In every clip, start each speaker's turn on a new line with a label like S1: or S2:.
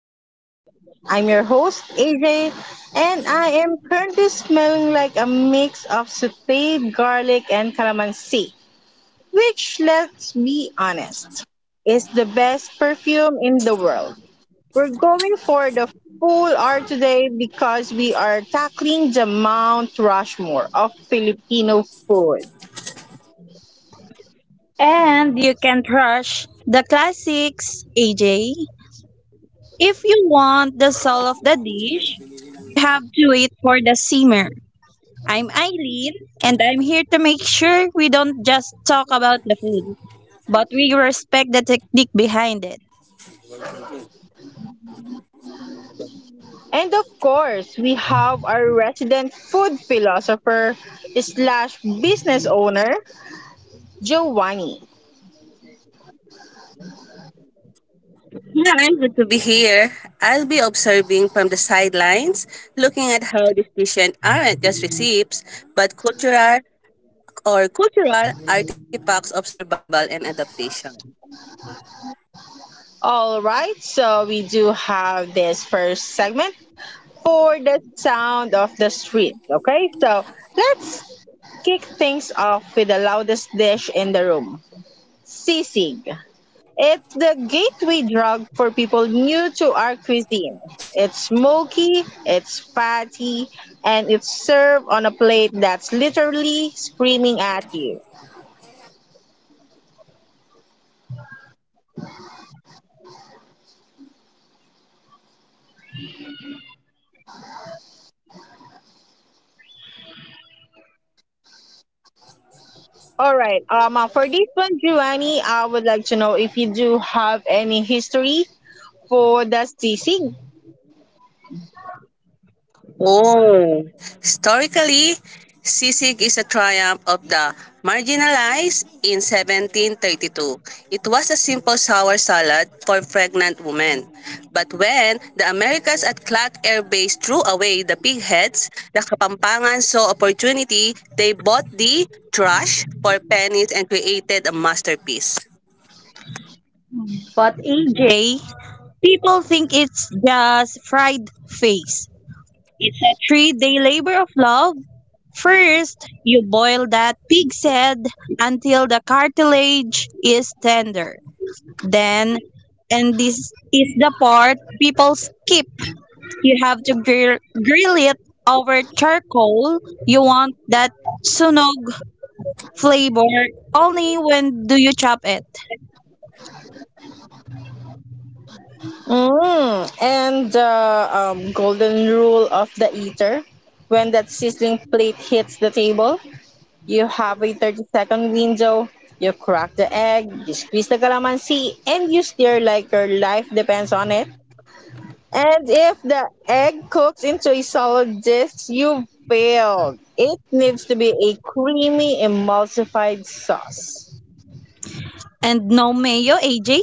S1: Session. I'm your host, AJ, and I am currently smelling like a mix of sauteed garlic and calamansi, which, let's be honest, is the best perfume in the world. We're going for the full hour today because we are tackling the Mount Rushmore of Filipino food.
S2: And you can crush the classics, AJ. If you want the soul of the dish, you have to wait for the simmer. I'm Eileen, and I'm here to make sure we don't just talk about the food, but we respect the technique behind it.
S1: And of course, we have our resident food philosopher slash business owner, Giovanni.
S3: Hi, good to be here. I'll be observing from the sidelines, looking at how decisions aren't just receipts, but cultural artifacts of survival and adaptation.
S1: All right, so we do have this first segment for the sound of the street. Okay, so let's kick things off with the loudest dish in the room, sisig. It's the gateway drug for people new to our cuisine. It's smoky, it's fatty, and it's served on a plate that's literally screaming at you. All right. For this one, Giovanni, I would like to know if you do have any history for the sisig.
S3: Oh. Historically, sisig is a triumph of the marginalized in 1732. It was a simple sour salad for pregnant women. But when the Americans at Clark Air Base threw away the pig heads, the Kapampangan saw opportunity. They bought the trash for pennies and created a masterpiece.
S2: But AJ, people think it's just fried face. A three-day labor of love. First, you boil that pig's head until the cartilage is tender. Then, and this is the part people skip. You have to grill it over charcoal. You want that sunog flavor. Only when do you chop it.
S1: Mm, and the golden rule of the eater when that sizzling plate hits the table. You have a 30-second window. You crack the egg, you squeeze the calamansi, and you stir like your life depends on it. And if the egg cooks into a solid dish, you failed. It needs to be a creamy, emulsified sauce.
S2: And no mayo, AJ.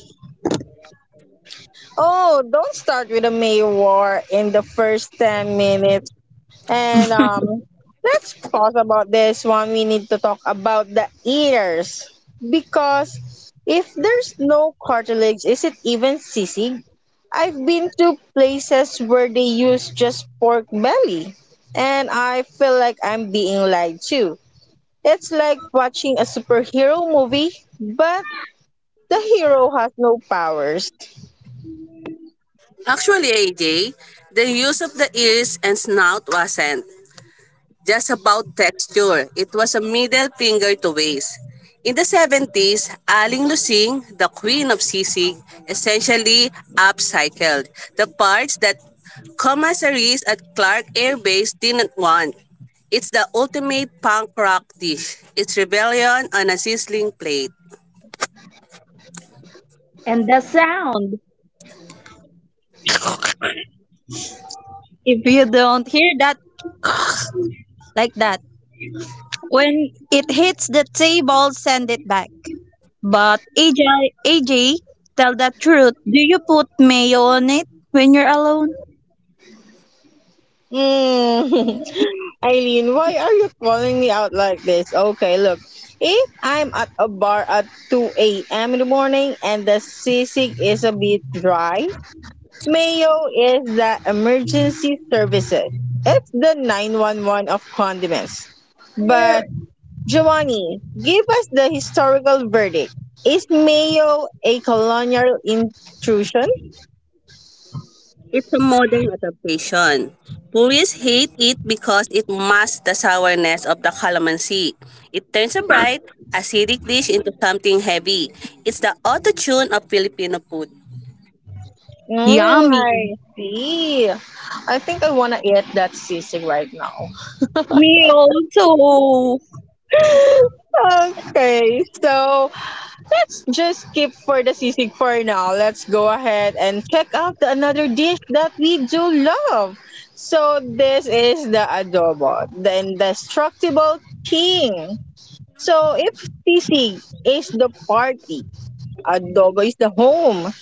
S1: Oh, don't start with a mayo war in the first 10 minutes. And let's pause about this one. We need to talk about the ears because if there's no cartilage, is it even sisig? I've been to places where they use just pork belly, and I feel like I'm being lied to. It's like watching a superhero movie, but the hero has no powers.
S3: Actually, AJ, the use of the ears and snout wasn't just about texture. It was a middle finger to waste. In the '70s, Aling Lusing, the queen of sisig, essentially upcycled the parts that commissaries at Clark Air Base didn't want. It's the ultimate punk rock dish. It's rebellion on a sizzling plate.
S2: And the sound. If you don't hear that like that. When it hits the table, send it back. But AJ, tell the truth. Do you put mayo on it when you're alone?
S1: Mm. Eileen, why are you calling me out like this? Okay, look. If I'm at a bar at 2 a.m. in the morning and the sisig is a bit dry, mayo is the emergency services. It's the 911 of condiments. But, Giovanni, give us the historical verdict. Is mayo a colonial intrusion?
S3: It's a modern adaptation. Purists hate it because it masks the sourness of the calamansi. It turns a bright, acidic dish into something heavy. It's the auto-tune of Filipino food.
S1: Mm,
S2: Yummy.
S1: I see. I think I want to eat that sisig right now.
S2: Me also.
S1: Okay, so let's just skip for the sisig for now. Let's go ahead and check out the another dish that we do love. So this is the adobo, the indestructible king. So if sisig is the party, adobo is the home.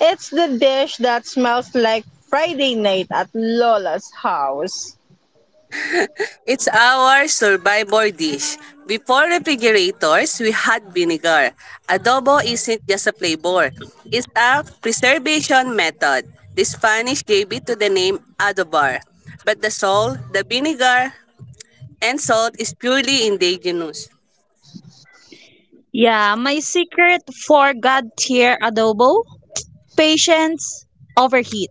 S1: It's the dish that smells like Friday night at Lola's house.
S3: It's our survivor dish. Before refrigerators, we had vinegar. Adobo isn't just a flavor. It's a preservation method. The Spanish gave it to the name adobar. But the salt, the vinegar, and salt is purely indigenous.
S2: Yeah, my secret for God tier adobo patience overheat.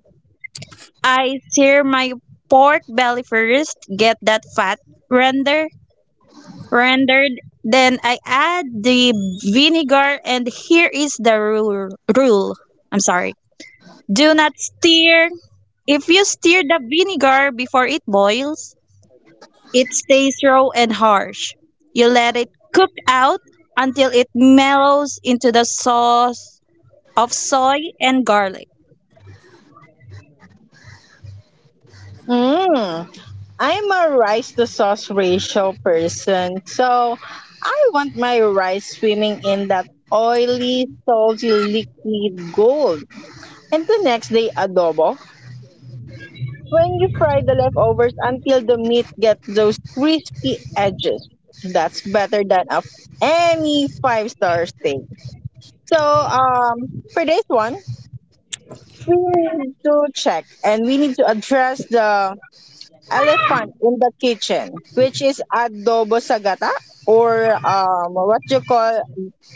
S2: I sear my pork belly first, get that fat render rendered, then I add the vinegar and here is the rule. I'm sorry. Do not stir. If you stir the vinegar before it boils, it stays raw and harsh. You let it cook out until it mellows into the sauce of soy and garlic.
S1: Mmm. I'm a rice to sauce ratio person. So I want my rice swimming in that oily, salty liquid gold. And the next day, adobo. When you fry the leftovers until the meat gets those crispy edges. That's better than any five-star steak. So, for this one, we need to check and we need to address the elephant in the kitchen, which is adobo sagata or what you call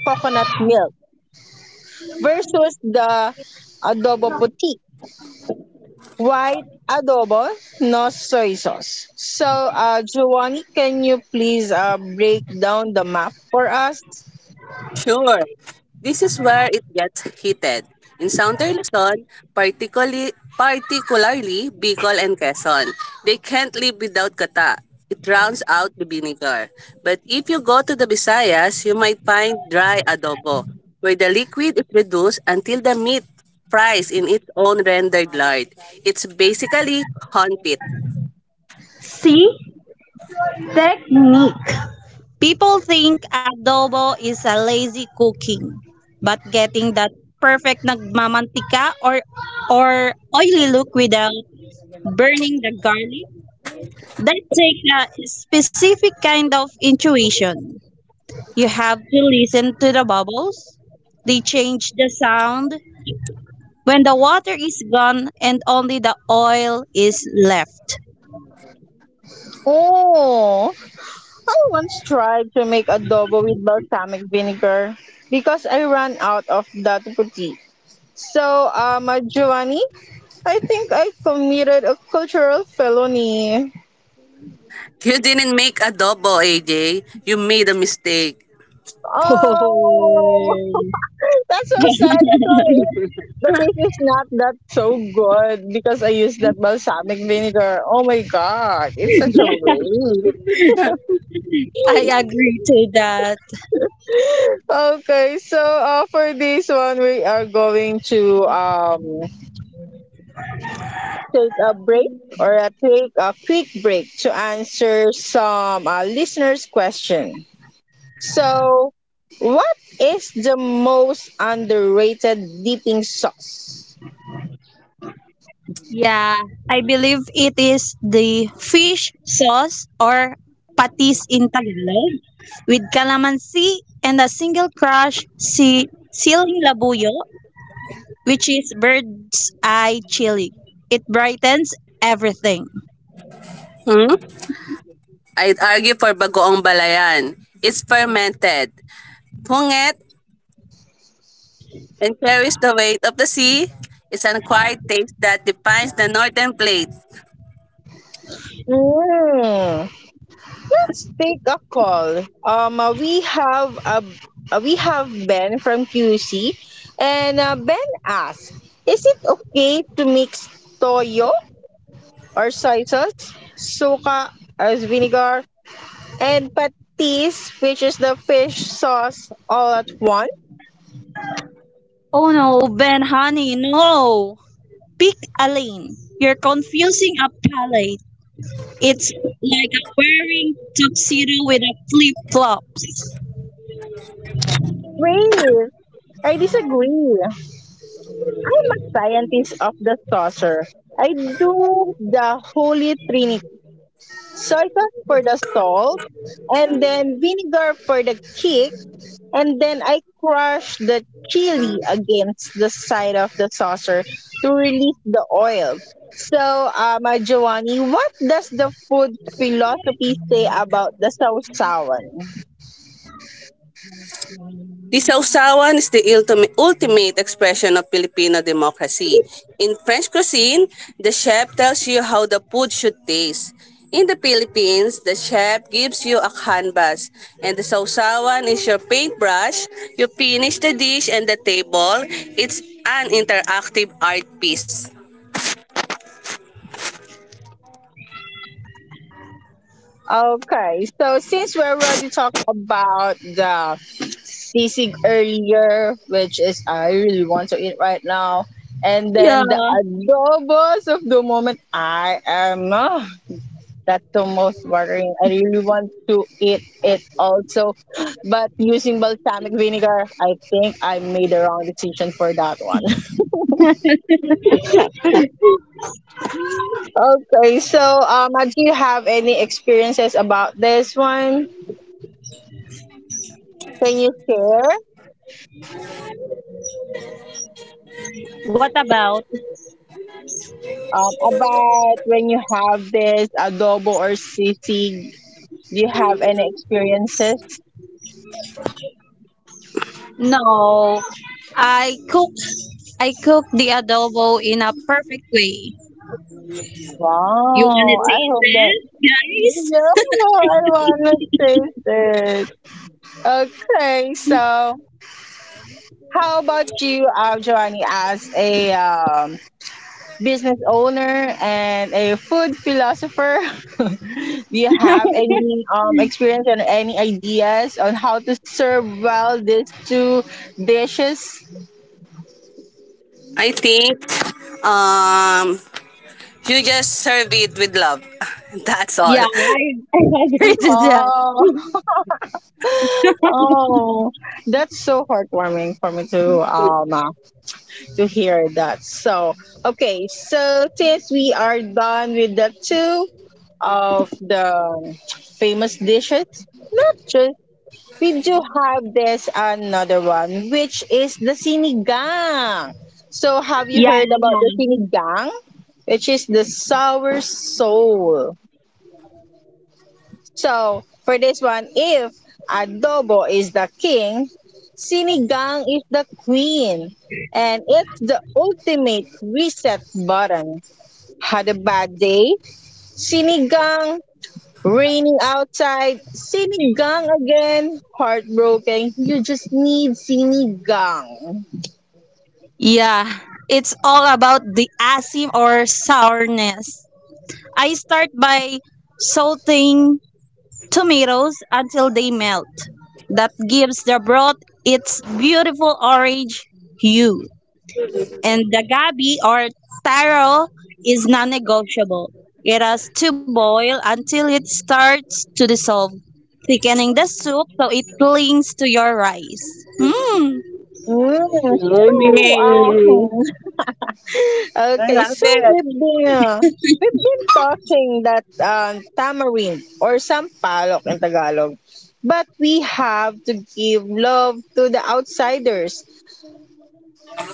S1: coconut milk versus the adobo puti, white adobo, no soy sauce. So, Giovanni, can you please break down the map for us?
S3: Sure, this is where it gets heated. In Southern Luzon, particularly, particularly Bicol and Quezon, they can't live without gata. It rounds out the vinegar. But if you go to the Visayas, you might find dry adobo, where the liquid is reduced until the meat fries in its own rendered lard. It's basically confit.
S2: See? Technique. People think adobo is a lazy cooking, but getting that perfect nagmamantika or oily look without burning the garlic, that takes a specific kind of intuition. You have to listen to the bubbles. They change the sound, when the water is gone and only the oil is left.
S1: Oh, I once tried to make adobo with balsamic vinegar because I ran out of that puti. So, Giovanni, I think I committed a cultural felony.
S3: You didn't make adobo, AJ. You made a mistake.
S1: Oh, that's so sad. That's why the taste is not that so good because I used that balsamic vinegar. Oh my god, it's such a waste.
S2: I agree to that.
S1: Okay, so for this one, we are going to take a break or take a quick break to answer some listeners' question. So, what is the most underrated dipping sauce?
S2: Yeah, I believe it is the fish sauce or patis in Tagalog with calamansi and a single crush si siling labuyo, which is bird's eye chili. It brightens everything.
S3: Hmm? I'd argue for Bagoong Balayan. It's fermented. Punget and carries the weight of the sea. It's an acquired taste that defines the northern plate.
S1: Mm. Let's take a call. We have Ben from QC, and Ben asks, "Is it okay to mix toyo or soy sauce, suka as vinegar, and patis, which is the fish sauce, all at once?"
S2: Oh no, Ben, honey, no. Pick a lane. You're confusing a palate. It's like I'm wearing tuxedo with a flip flops.
S1: Wait, I disagree. Scientist of the saucer. I do the holy trinity. Soy sauce for the salt, and then vinegar for the kick, and then I crush the chili against the side of the saucer to release the oil. So, Giovanni, what does the food philosophy say about the sausawan?
S3: The Sausawan is the ultimate expression of Filipino democracy. In French cuisine, the chef tells you how the food should taste. In the Philippines, the chef gives you a canvas, and the sausawan is your paintbrush. You finish the dish and the table. It's an interactive art piece.
S1: Okay, so since we already talked about the sisig earlier, which is I really want to eat right now, and
S2: Yeah.
S1: then the adobos of the moment, I am ah, that's the most worrying. I really want to eat it also, but using balsamic vinegar, I think I made the wrong decision for that one. Okay, so do you have any experiences about this one? Can you share?
S2: What about?
S1: About when you have this adobo or sisig, do you have any experiences?
S2: No. I cook I cook the adobo in a perfect way. You wanna
S1: Wow, I
S2: taste
S1: hope that.
S2: it,
S1: Yeah,
S2: guys?
S1: I want to taste it. Okay, so how about you, Giovanni, as a business owner and a food philosopher? Do you have any experience and any ideas on how to serve well these two dishes?
S3: I think um, you just serve it with love. That's all.
S2: Yeah, I, I agree to that.
S1: Oh, oh, that's so heartwarming for me to hear that. So okay, so since we are done with the two of the famous dishes, not just we do have this another one, which is the sinigang. So have you
S2: Yeah.
S1: heard about the sinigang? Which is the sour soul. So for this one, if adobo is the king, sinigang is the queen, and it's the ultimate reset button. Had a bad day, sinigang. Raining outside, sinigang again. Heartbroken. You just need sinigang.
S2: Yeah. It's all about the asim or sourness. I start by salting tomatoes until they melt. That gives the broth its beautiful orange hue. And the gabi or taro is non-negotiable. It has to boil until it starts to dissolve, thickening the soup so it clings to your rice. Mmm.
S1: Mm, so,
S3: Morning. I
S1: okay,
S3: love
S1: so
S3: it.
S1: we've been talking that tamarind or sampalok in Tagalog, but we have to give love to the outsiders.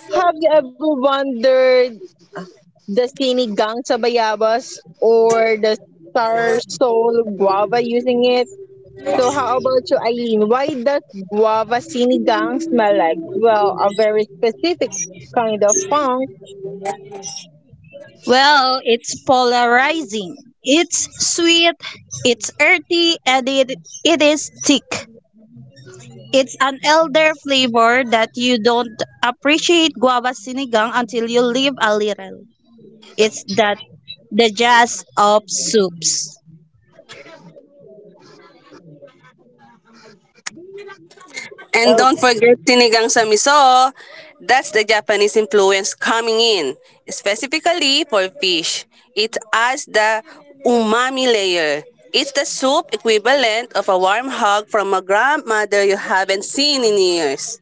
S1: Have you ever wondered the sinigang sa bayabas or the star soul guava using it? So how about you, Eileen? Why does guava sinigang smell like? Well, a very specific kind of funk.
S2: Well, it's polarizing. It's sweet, it's earthy, and it is thick. It's an elder flavor that you don't appreciate guava sinigang until you live a little. It's that the jazz of soups.
S3: And
S1: Well,
S3: don't forget sinigang sa miso. That's the Japanese influence coming in, specifically for fish. It adds the umami layer. It's the soup equivalent of a warm hug from a grandmother you haven't seen in years.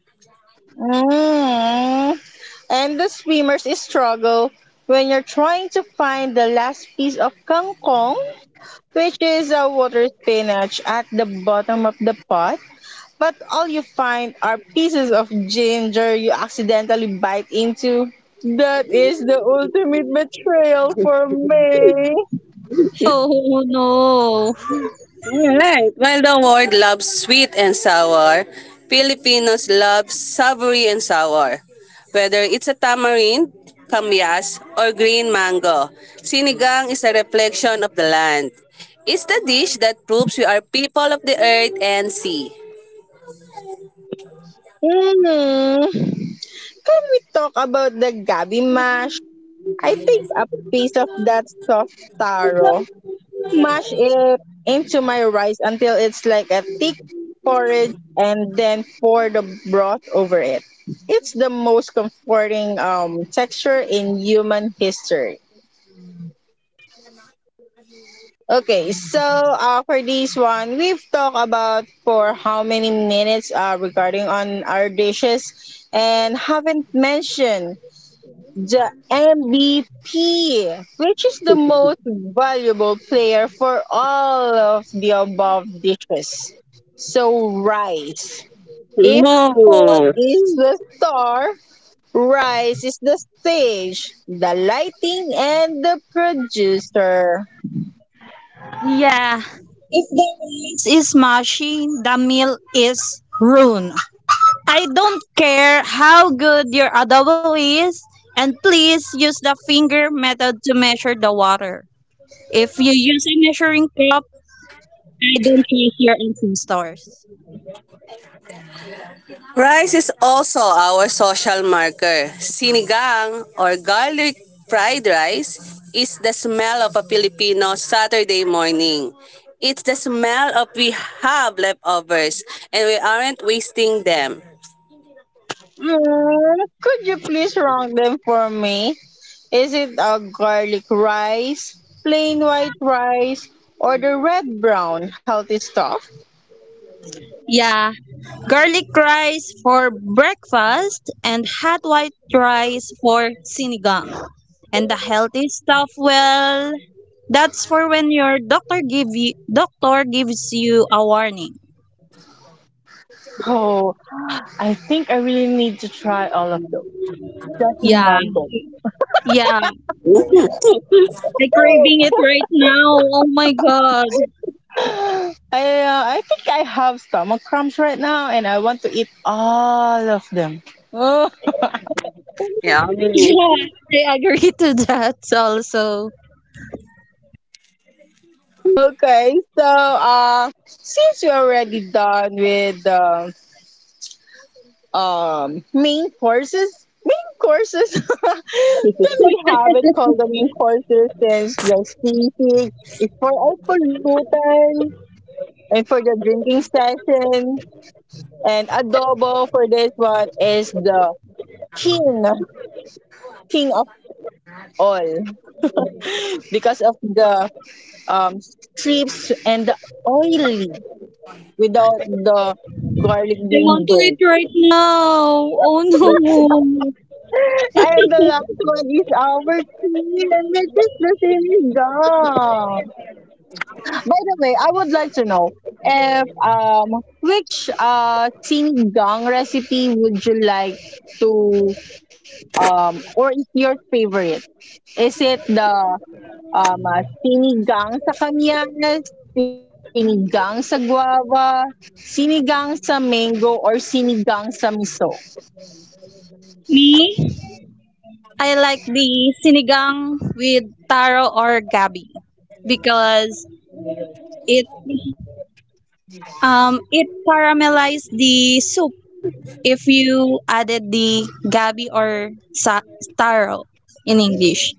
S1: mm. And the swimmers struggle when you're trying to find the last piece of kangkong, which is a water spinach at the bottom of the pot. But all you find are pieces of ginger you accidentally bite into. That is the ultimate betrayal for me.
S2: Oh no.
S3: Alright. While the world loves sweet and sour, Filipinos love savory and sour. Whether it's a tamarind, kamyas, or green mango, sinigang is a reflection of the land. It's the dish that proves we are people of the earth and sea.
S1: Mm. Can we talk about the gabi mash? I think a piece of that soft taro mash it into my rice until it's like a thick porridge and then pour the broth over it. It's the most comforting texture in human history. Okay, so for this one, we've talked about for how many minutes regarding on our dishes and haven't mentioned the MVP, which is the most valuable player for all of the above dishes. So, rice. If food
S3: Oh.
S1: is the star, rice is the stage, the lighting, and the producer.
S2: Yeah. If the rice is mushy, the meal is ruined. I don't care how good your adobo is, and please use the finger method to measure the water. If you use a measuring cup, I don't trust your ancestors.
S3: Rice is also our social marker. Sinigang or garlic fried rice is the smell of a Filipino Saturday morning. It's the smell of we have leftovers and we aren't wasting them.
S1: Mm, could you please rank them for me? Is it a garlic rice, plain white rice, or the red brown healthy stuff?
S2: Yeah, garlic rice for breakfast and hot white rice for sinigang. And the healthy stuff, well, that's for when your doctor gives you a warning.
S1: Oh, I think I really need to try all of those just in
S2: Yeah,
S1: one go.
S2: yeah.
S3: Mm.
S2: I'm craving it right now. Oh my god.
S1: I think I have stomach cramps right now, and I want to eat all of them. Oh,
S3: Yummy.
S2: Yeah, I agree to that also.
S1: okay, so since we're already done with the main courses, can we have it called the main courses since the seafood is for all pollutants and for the drinking session? And adobo for this one is the king, king of all because of the um, strips and the oily without the garlic
S2: I
S1: being
S2: want to eat
S1: burnt.
S2: right now. Oh no.
S1: And the last one is our queen, which is the sinigang. By the way, I would like to know if which sinigang recipe would you like to or is your favorite? Is it the sinigang sa kamyas, sinigang sa guava, sinigang sa mango, or sinigang sa miso.
S2: Me? I like the sinigang with taro or gabi because it it caramelized the soup if you added the gabi or taro in English.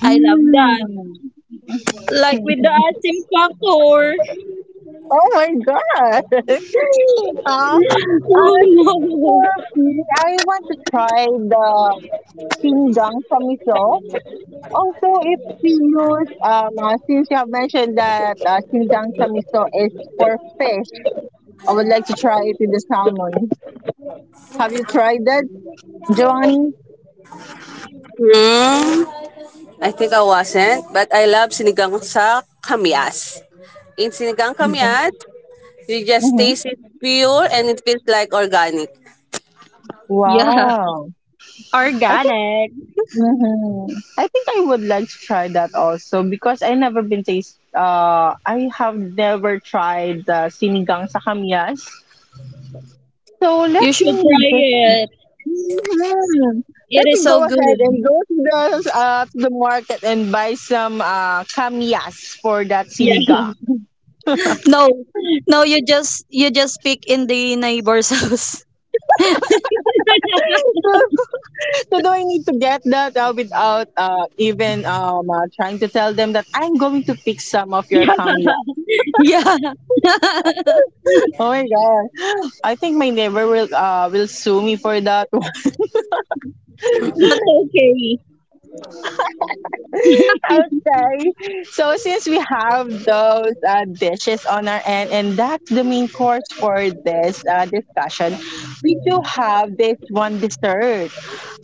S2: I love that. Like with the asim factor.
S1: Oh my god!
S2: Oh
S1: As for
S2: no.
S1: me, I want to try the sinigang sa miso. Also, if we use, since you have mentioned that sinigang sa miso is for fish, I would like to try it with the salmon. Have you tried that, Giovanni?
S3: Mm, I think I wasn't, but I love sinigang sa kamias. In sinigang kamias, you just
S1: Mhm.
S3: taste it pure and it feels like organic.
S2: Yeah,
S1: Wow. I think
S2: organic.
S1: mhm. I think I would like to try that also because I have never tried the sinigang sa kamyas. So let
S2: You should
S1: me
S2: try
S1: just
S2: it.
S1: mhm. Let
S2: It
S1: me
S2: is
S1: go
S2: so
S1: ahead
S2: good.
S1: and go to the market and buy some kamyas for that
S2: Yeah.
S1: sinigang.
S2: No, no, you just pick in the neighbor's house.
S1: So do I need to get that without even trying to tell them that I'm going to pick some of
S2: Yeah,
S1: your kamyas?
S2: yeah.
S1: Oh my god. I think my neighbor will sue me for that. Okay.
S2: That's okay.
S1: So since we have those dishes on our end, and that's the main course for this discussion, we do have this one dessert.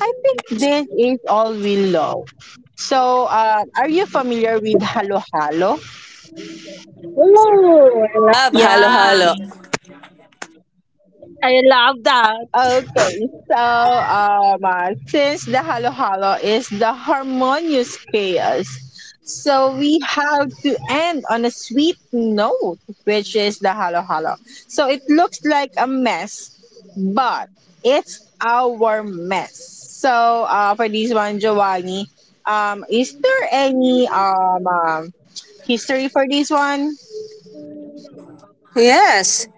S1: I think this is all we love. So, are you familiar with halo halo?
S2: Yeah,
S3: Ooh, I love halo-halo.
S2: I love that.
S1: Okay, so since the halo halo is the harmonious chaos, so we have to end on a sweet note, which is the halo halo. So it looks like a mess, but it's our mess. So for this one, Giovanni, is there any history for this one?
S3: Yes,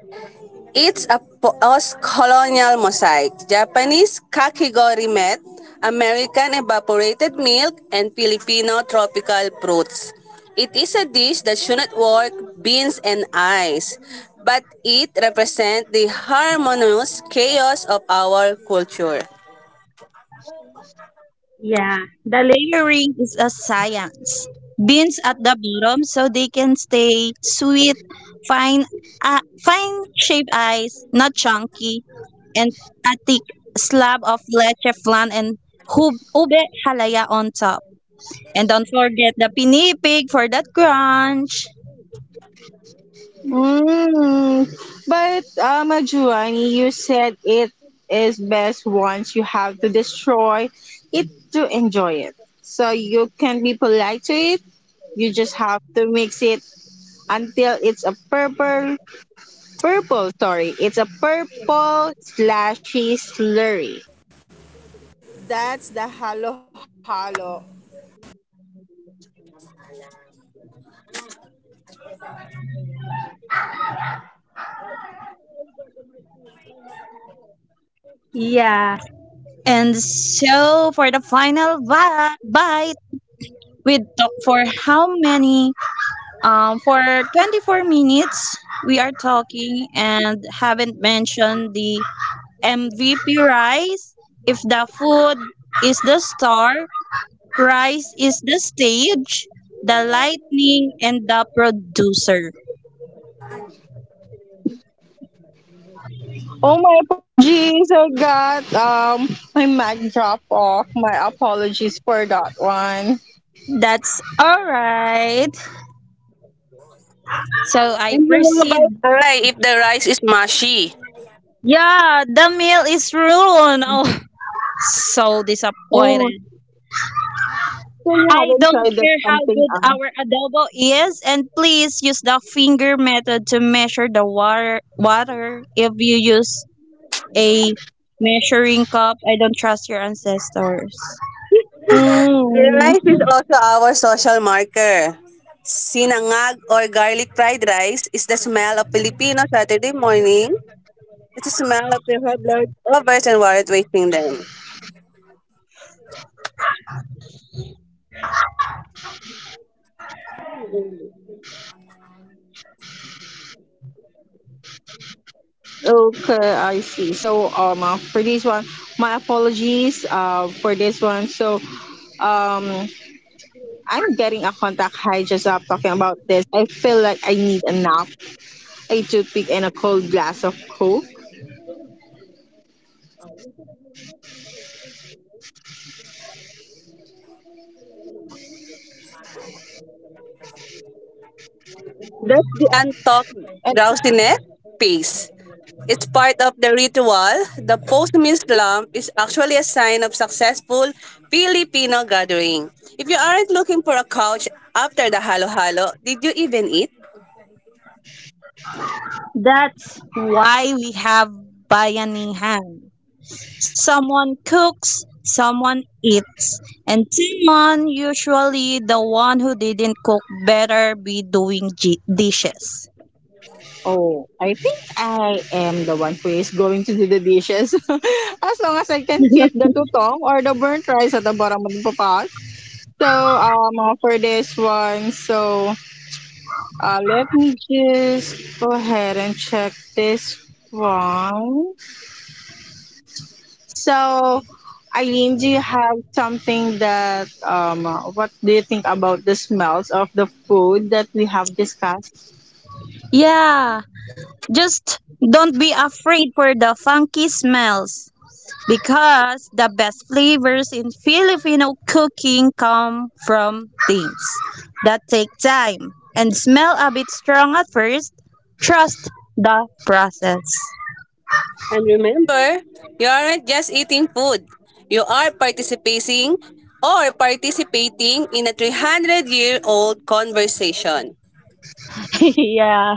S3: it's a post-colonial mosaic. Japanese kakigori met, American evaporated milk, and Filipino tropical fruits. It is a dish that should not work beans and ice, but it represents the harmonious chaos of our culture.
S2: Yeah, the layering is a science. Beans at the bottom so they can stay sweet, fine, uh, fine shaped eyes, not chunky, and a thick slab of leche flan and ube halaya on top. And don't forget the pinipig for that crunch.
S1: Mm. But Juani, you said it is best once you have to destroy it to enjoy it. So you can be polite to it. You just have to mix it until it's a purple. Sorry, it's a purple slashy slurry.
S2: Yeah. And so for the final bite, we talk for how many? For 24 minutes, we are talking and haven't mentioned the MVP rice. If the food is the star, rice is the stage, the lightning, and the producer.
S1: Oh, my apologies. I got my mic dropped off. My apologies for that one.
S2: That's all right. So I
S3: And how
S2: proceed.
S3: about I if the rice is mushy?
S2: Yeah, the meal
S1: Mm.
S2: is ruined. Oh, so
S1: Oh,
S2: disappointed.
S1: so you
S2: I
S1: haven't
S2: don't
S1: tried that
S2: care how
S1: something
S2: good
S1: else.
S2: our adobo is, and please use the finger method to measure the water. If you use a measuring cup, I don't trust your ancestors.
S1: Mm.
S3: Rice is also our social marker. Sinangag or garlic fried rice is the smell of Filipino Saturday morning. It's the smell of your head leftovers and weren't wasting them.
S1: Okay, I see. So for this one, my apologies for this one. So um I'm getting a contact high just up talking about this. I feel like I need a nap, a toothpick, and a cold glass of coke.
S3: That's the untalked drowsiness piece. It's part of the ritual. The post-meal slump is actually a sign of successful Filipino gathering. If you aren't looking for a couch after the halo-halo, did you even eat?
S2: That's why we have bayanihan. Someone cooks, someone eats, and someone, usually the one who didn't cook, better be doing dishes.
S1: Oh, I think I am the one who is going to do the dishes. As long as I can keep the tutong or the burnt rice at the bottom of the pot. So, for this one, so let me just go ahead and check this one. So, Eileen, do you have something that, what do you think about the smells of the food that we have discussed?
S2: Yeah. Just don't be afraid for the funky smells because the best flavors in Filipino cooking come from things that take time and smell a bit strong at first. Trust the process.
S3: And remember, you aren't just eating food. You are participating or participating in a 300-year-old conversation.
S2: Yeah.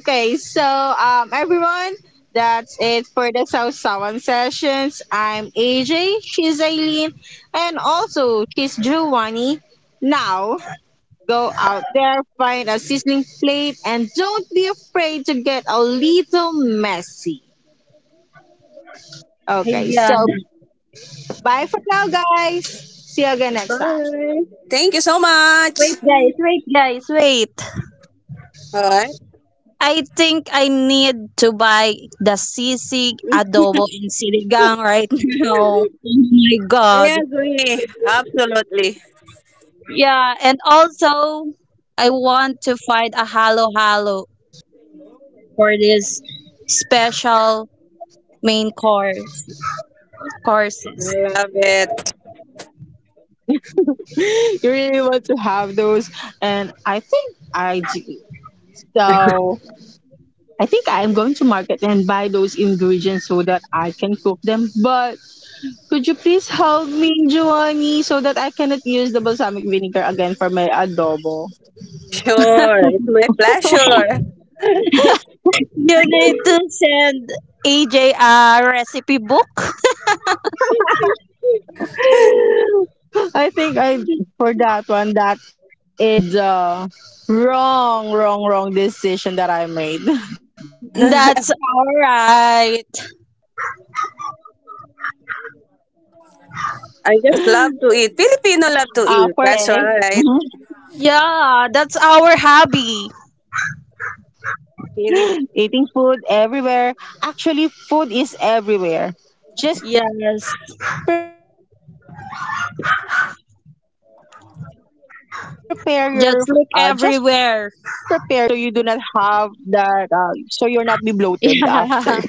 S1: Okay, so everyone, that's it for the South Sawan sessions. I'm AJ, she's Aileen, and also she's Giovanni. Now, go out there, find a sizzling plate, and don't be afraid to get a little messy. Okay,
S2: Yeah.
S1: so bye for now, guys. See you again next time.
S3: Bye. Thank you so much.
S2: Wait guys, wait guys, wait.
S3: All right.
S2: I think I need to buy the sisig adobo and sinigang right now. Oh my god.
S3: I agree. Absolutely.
S2: Yeah, and also I want to find a halo halo for this special main course courses.
S3: Love it.
S1: You really want to have those, and I think I do. So, I think I'm going to market and buy those ingredients so that I can cook them. But could you please help me, Giovanni, so that I cannot use the balsamic vinegar again for my adobo?
S3: Sure. It's my pleasure.
S2: You need to send AJ recipe book.
S1: I think I for that one that is the wrong decision that I made.
S2: That's all right.
S1: Okay, so
S3: I
S1: for
S3: just love to
S1: this,
S3: eat. Filipino love to
S1: mhm.
S3: eat. That's right.
S2: Yeah, that's our hobby.
S3: Fili-
S1: Eating food everywhere. Actually, food is
S2: Yes,
S1: everywhere. Just prepare your stomach for every food that you're
S2: just
S1: going to
S2: look
S1: eat.
S2: everywhere.
S1: So you do not have that, so you're not be bloated after.
S2: Yeah.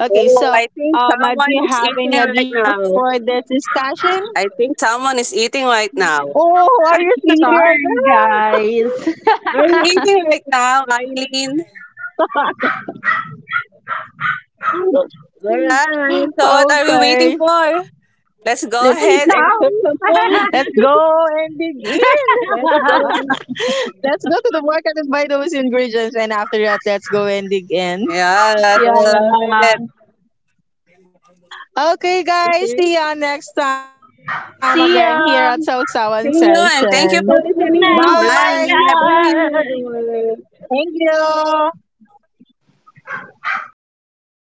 S1: Okay,
S3: Oh,
S1: so
S3: I think
S1: do
S3: someone
S1: you
S3: is
S1: have
S3: eating
S1: any
S3: right
S1: additional
S3: now.
S1: for this discussion?
S3: I think someone is eating right now.
S1: Oh, are you sleepy right
S2: Sorry, guys.
S3: Are you eating right now, Eileen? All
S1: now?
S3: right. So what are we
S1: Okay,
S3: waiting for? Let's go
S2: Let's eat
S3: ahead and cook some
S2: now.
S3: food.
S1: let's go and dig in.
S3: Let's go and
S1: Let's go to the market and buy those ingredients, and after that, let's go and dig in.
S3: yes, I love
S2: Yeah.
S3: it. Okay.
S1: Okay, guys, see you next time again
S2: See ya.
S1: here at South Sawan
S3: See you and thank
S1: Session.
S3: you for
S2: But
S3: listening.
S2: now,
S1: Bye.
S3: Bye. Bye,
S2: my God.
S3: everyone.
S1: Thank you.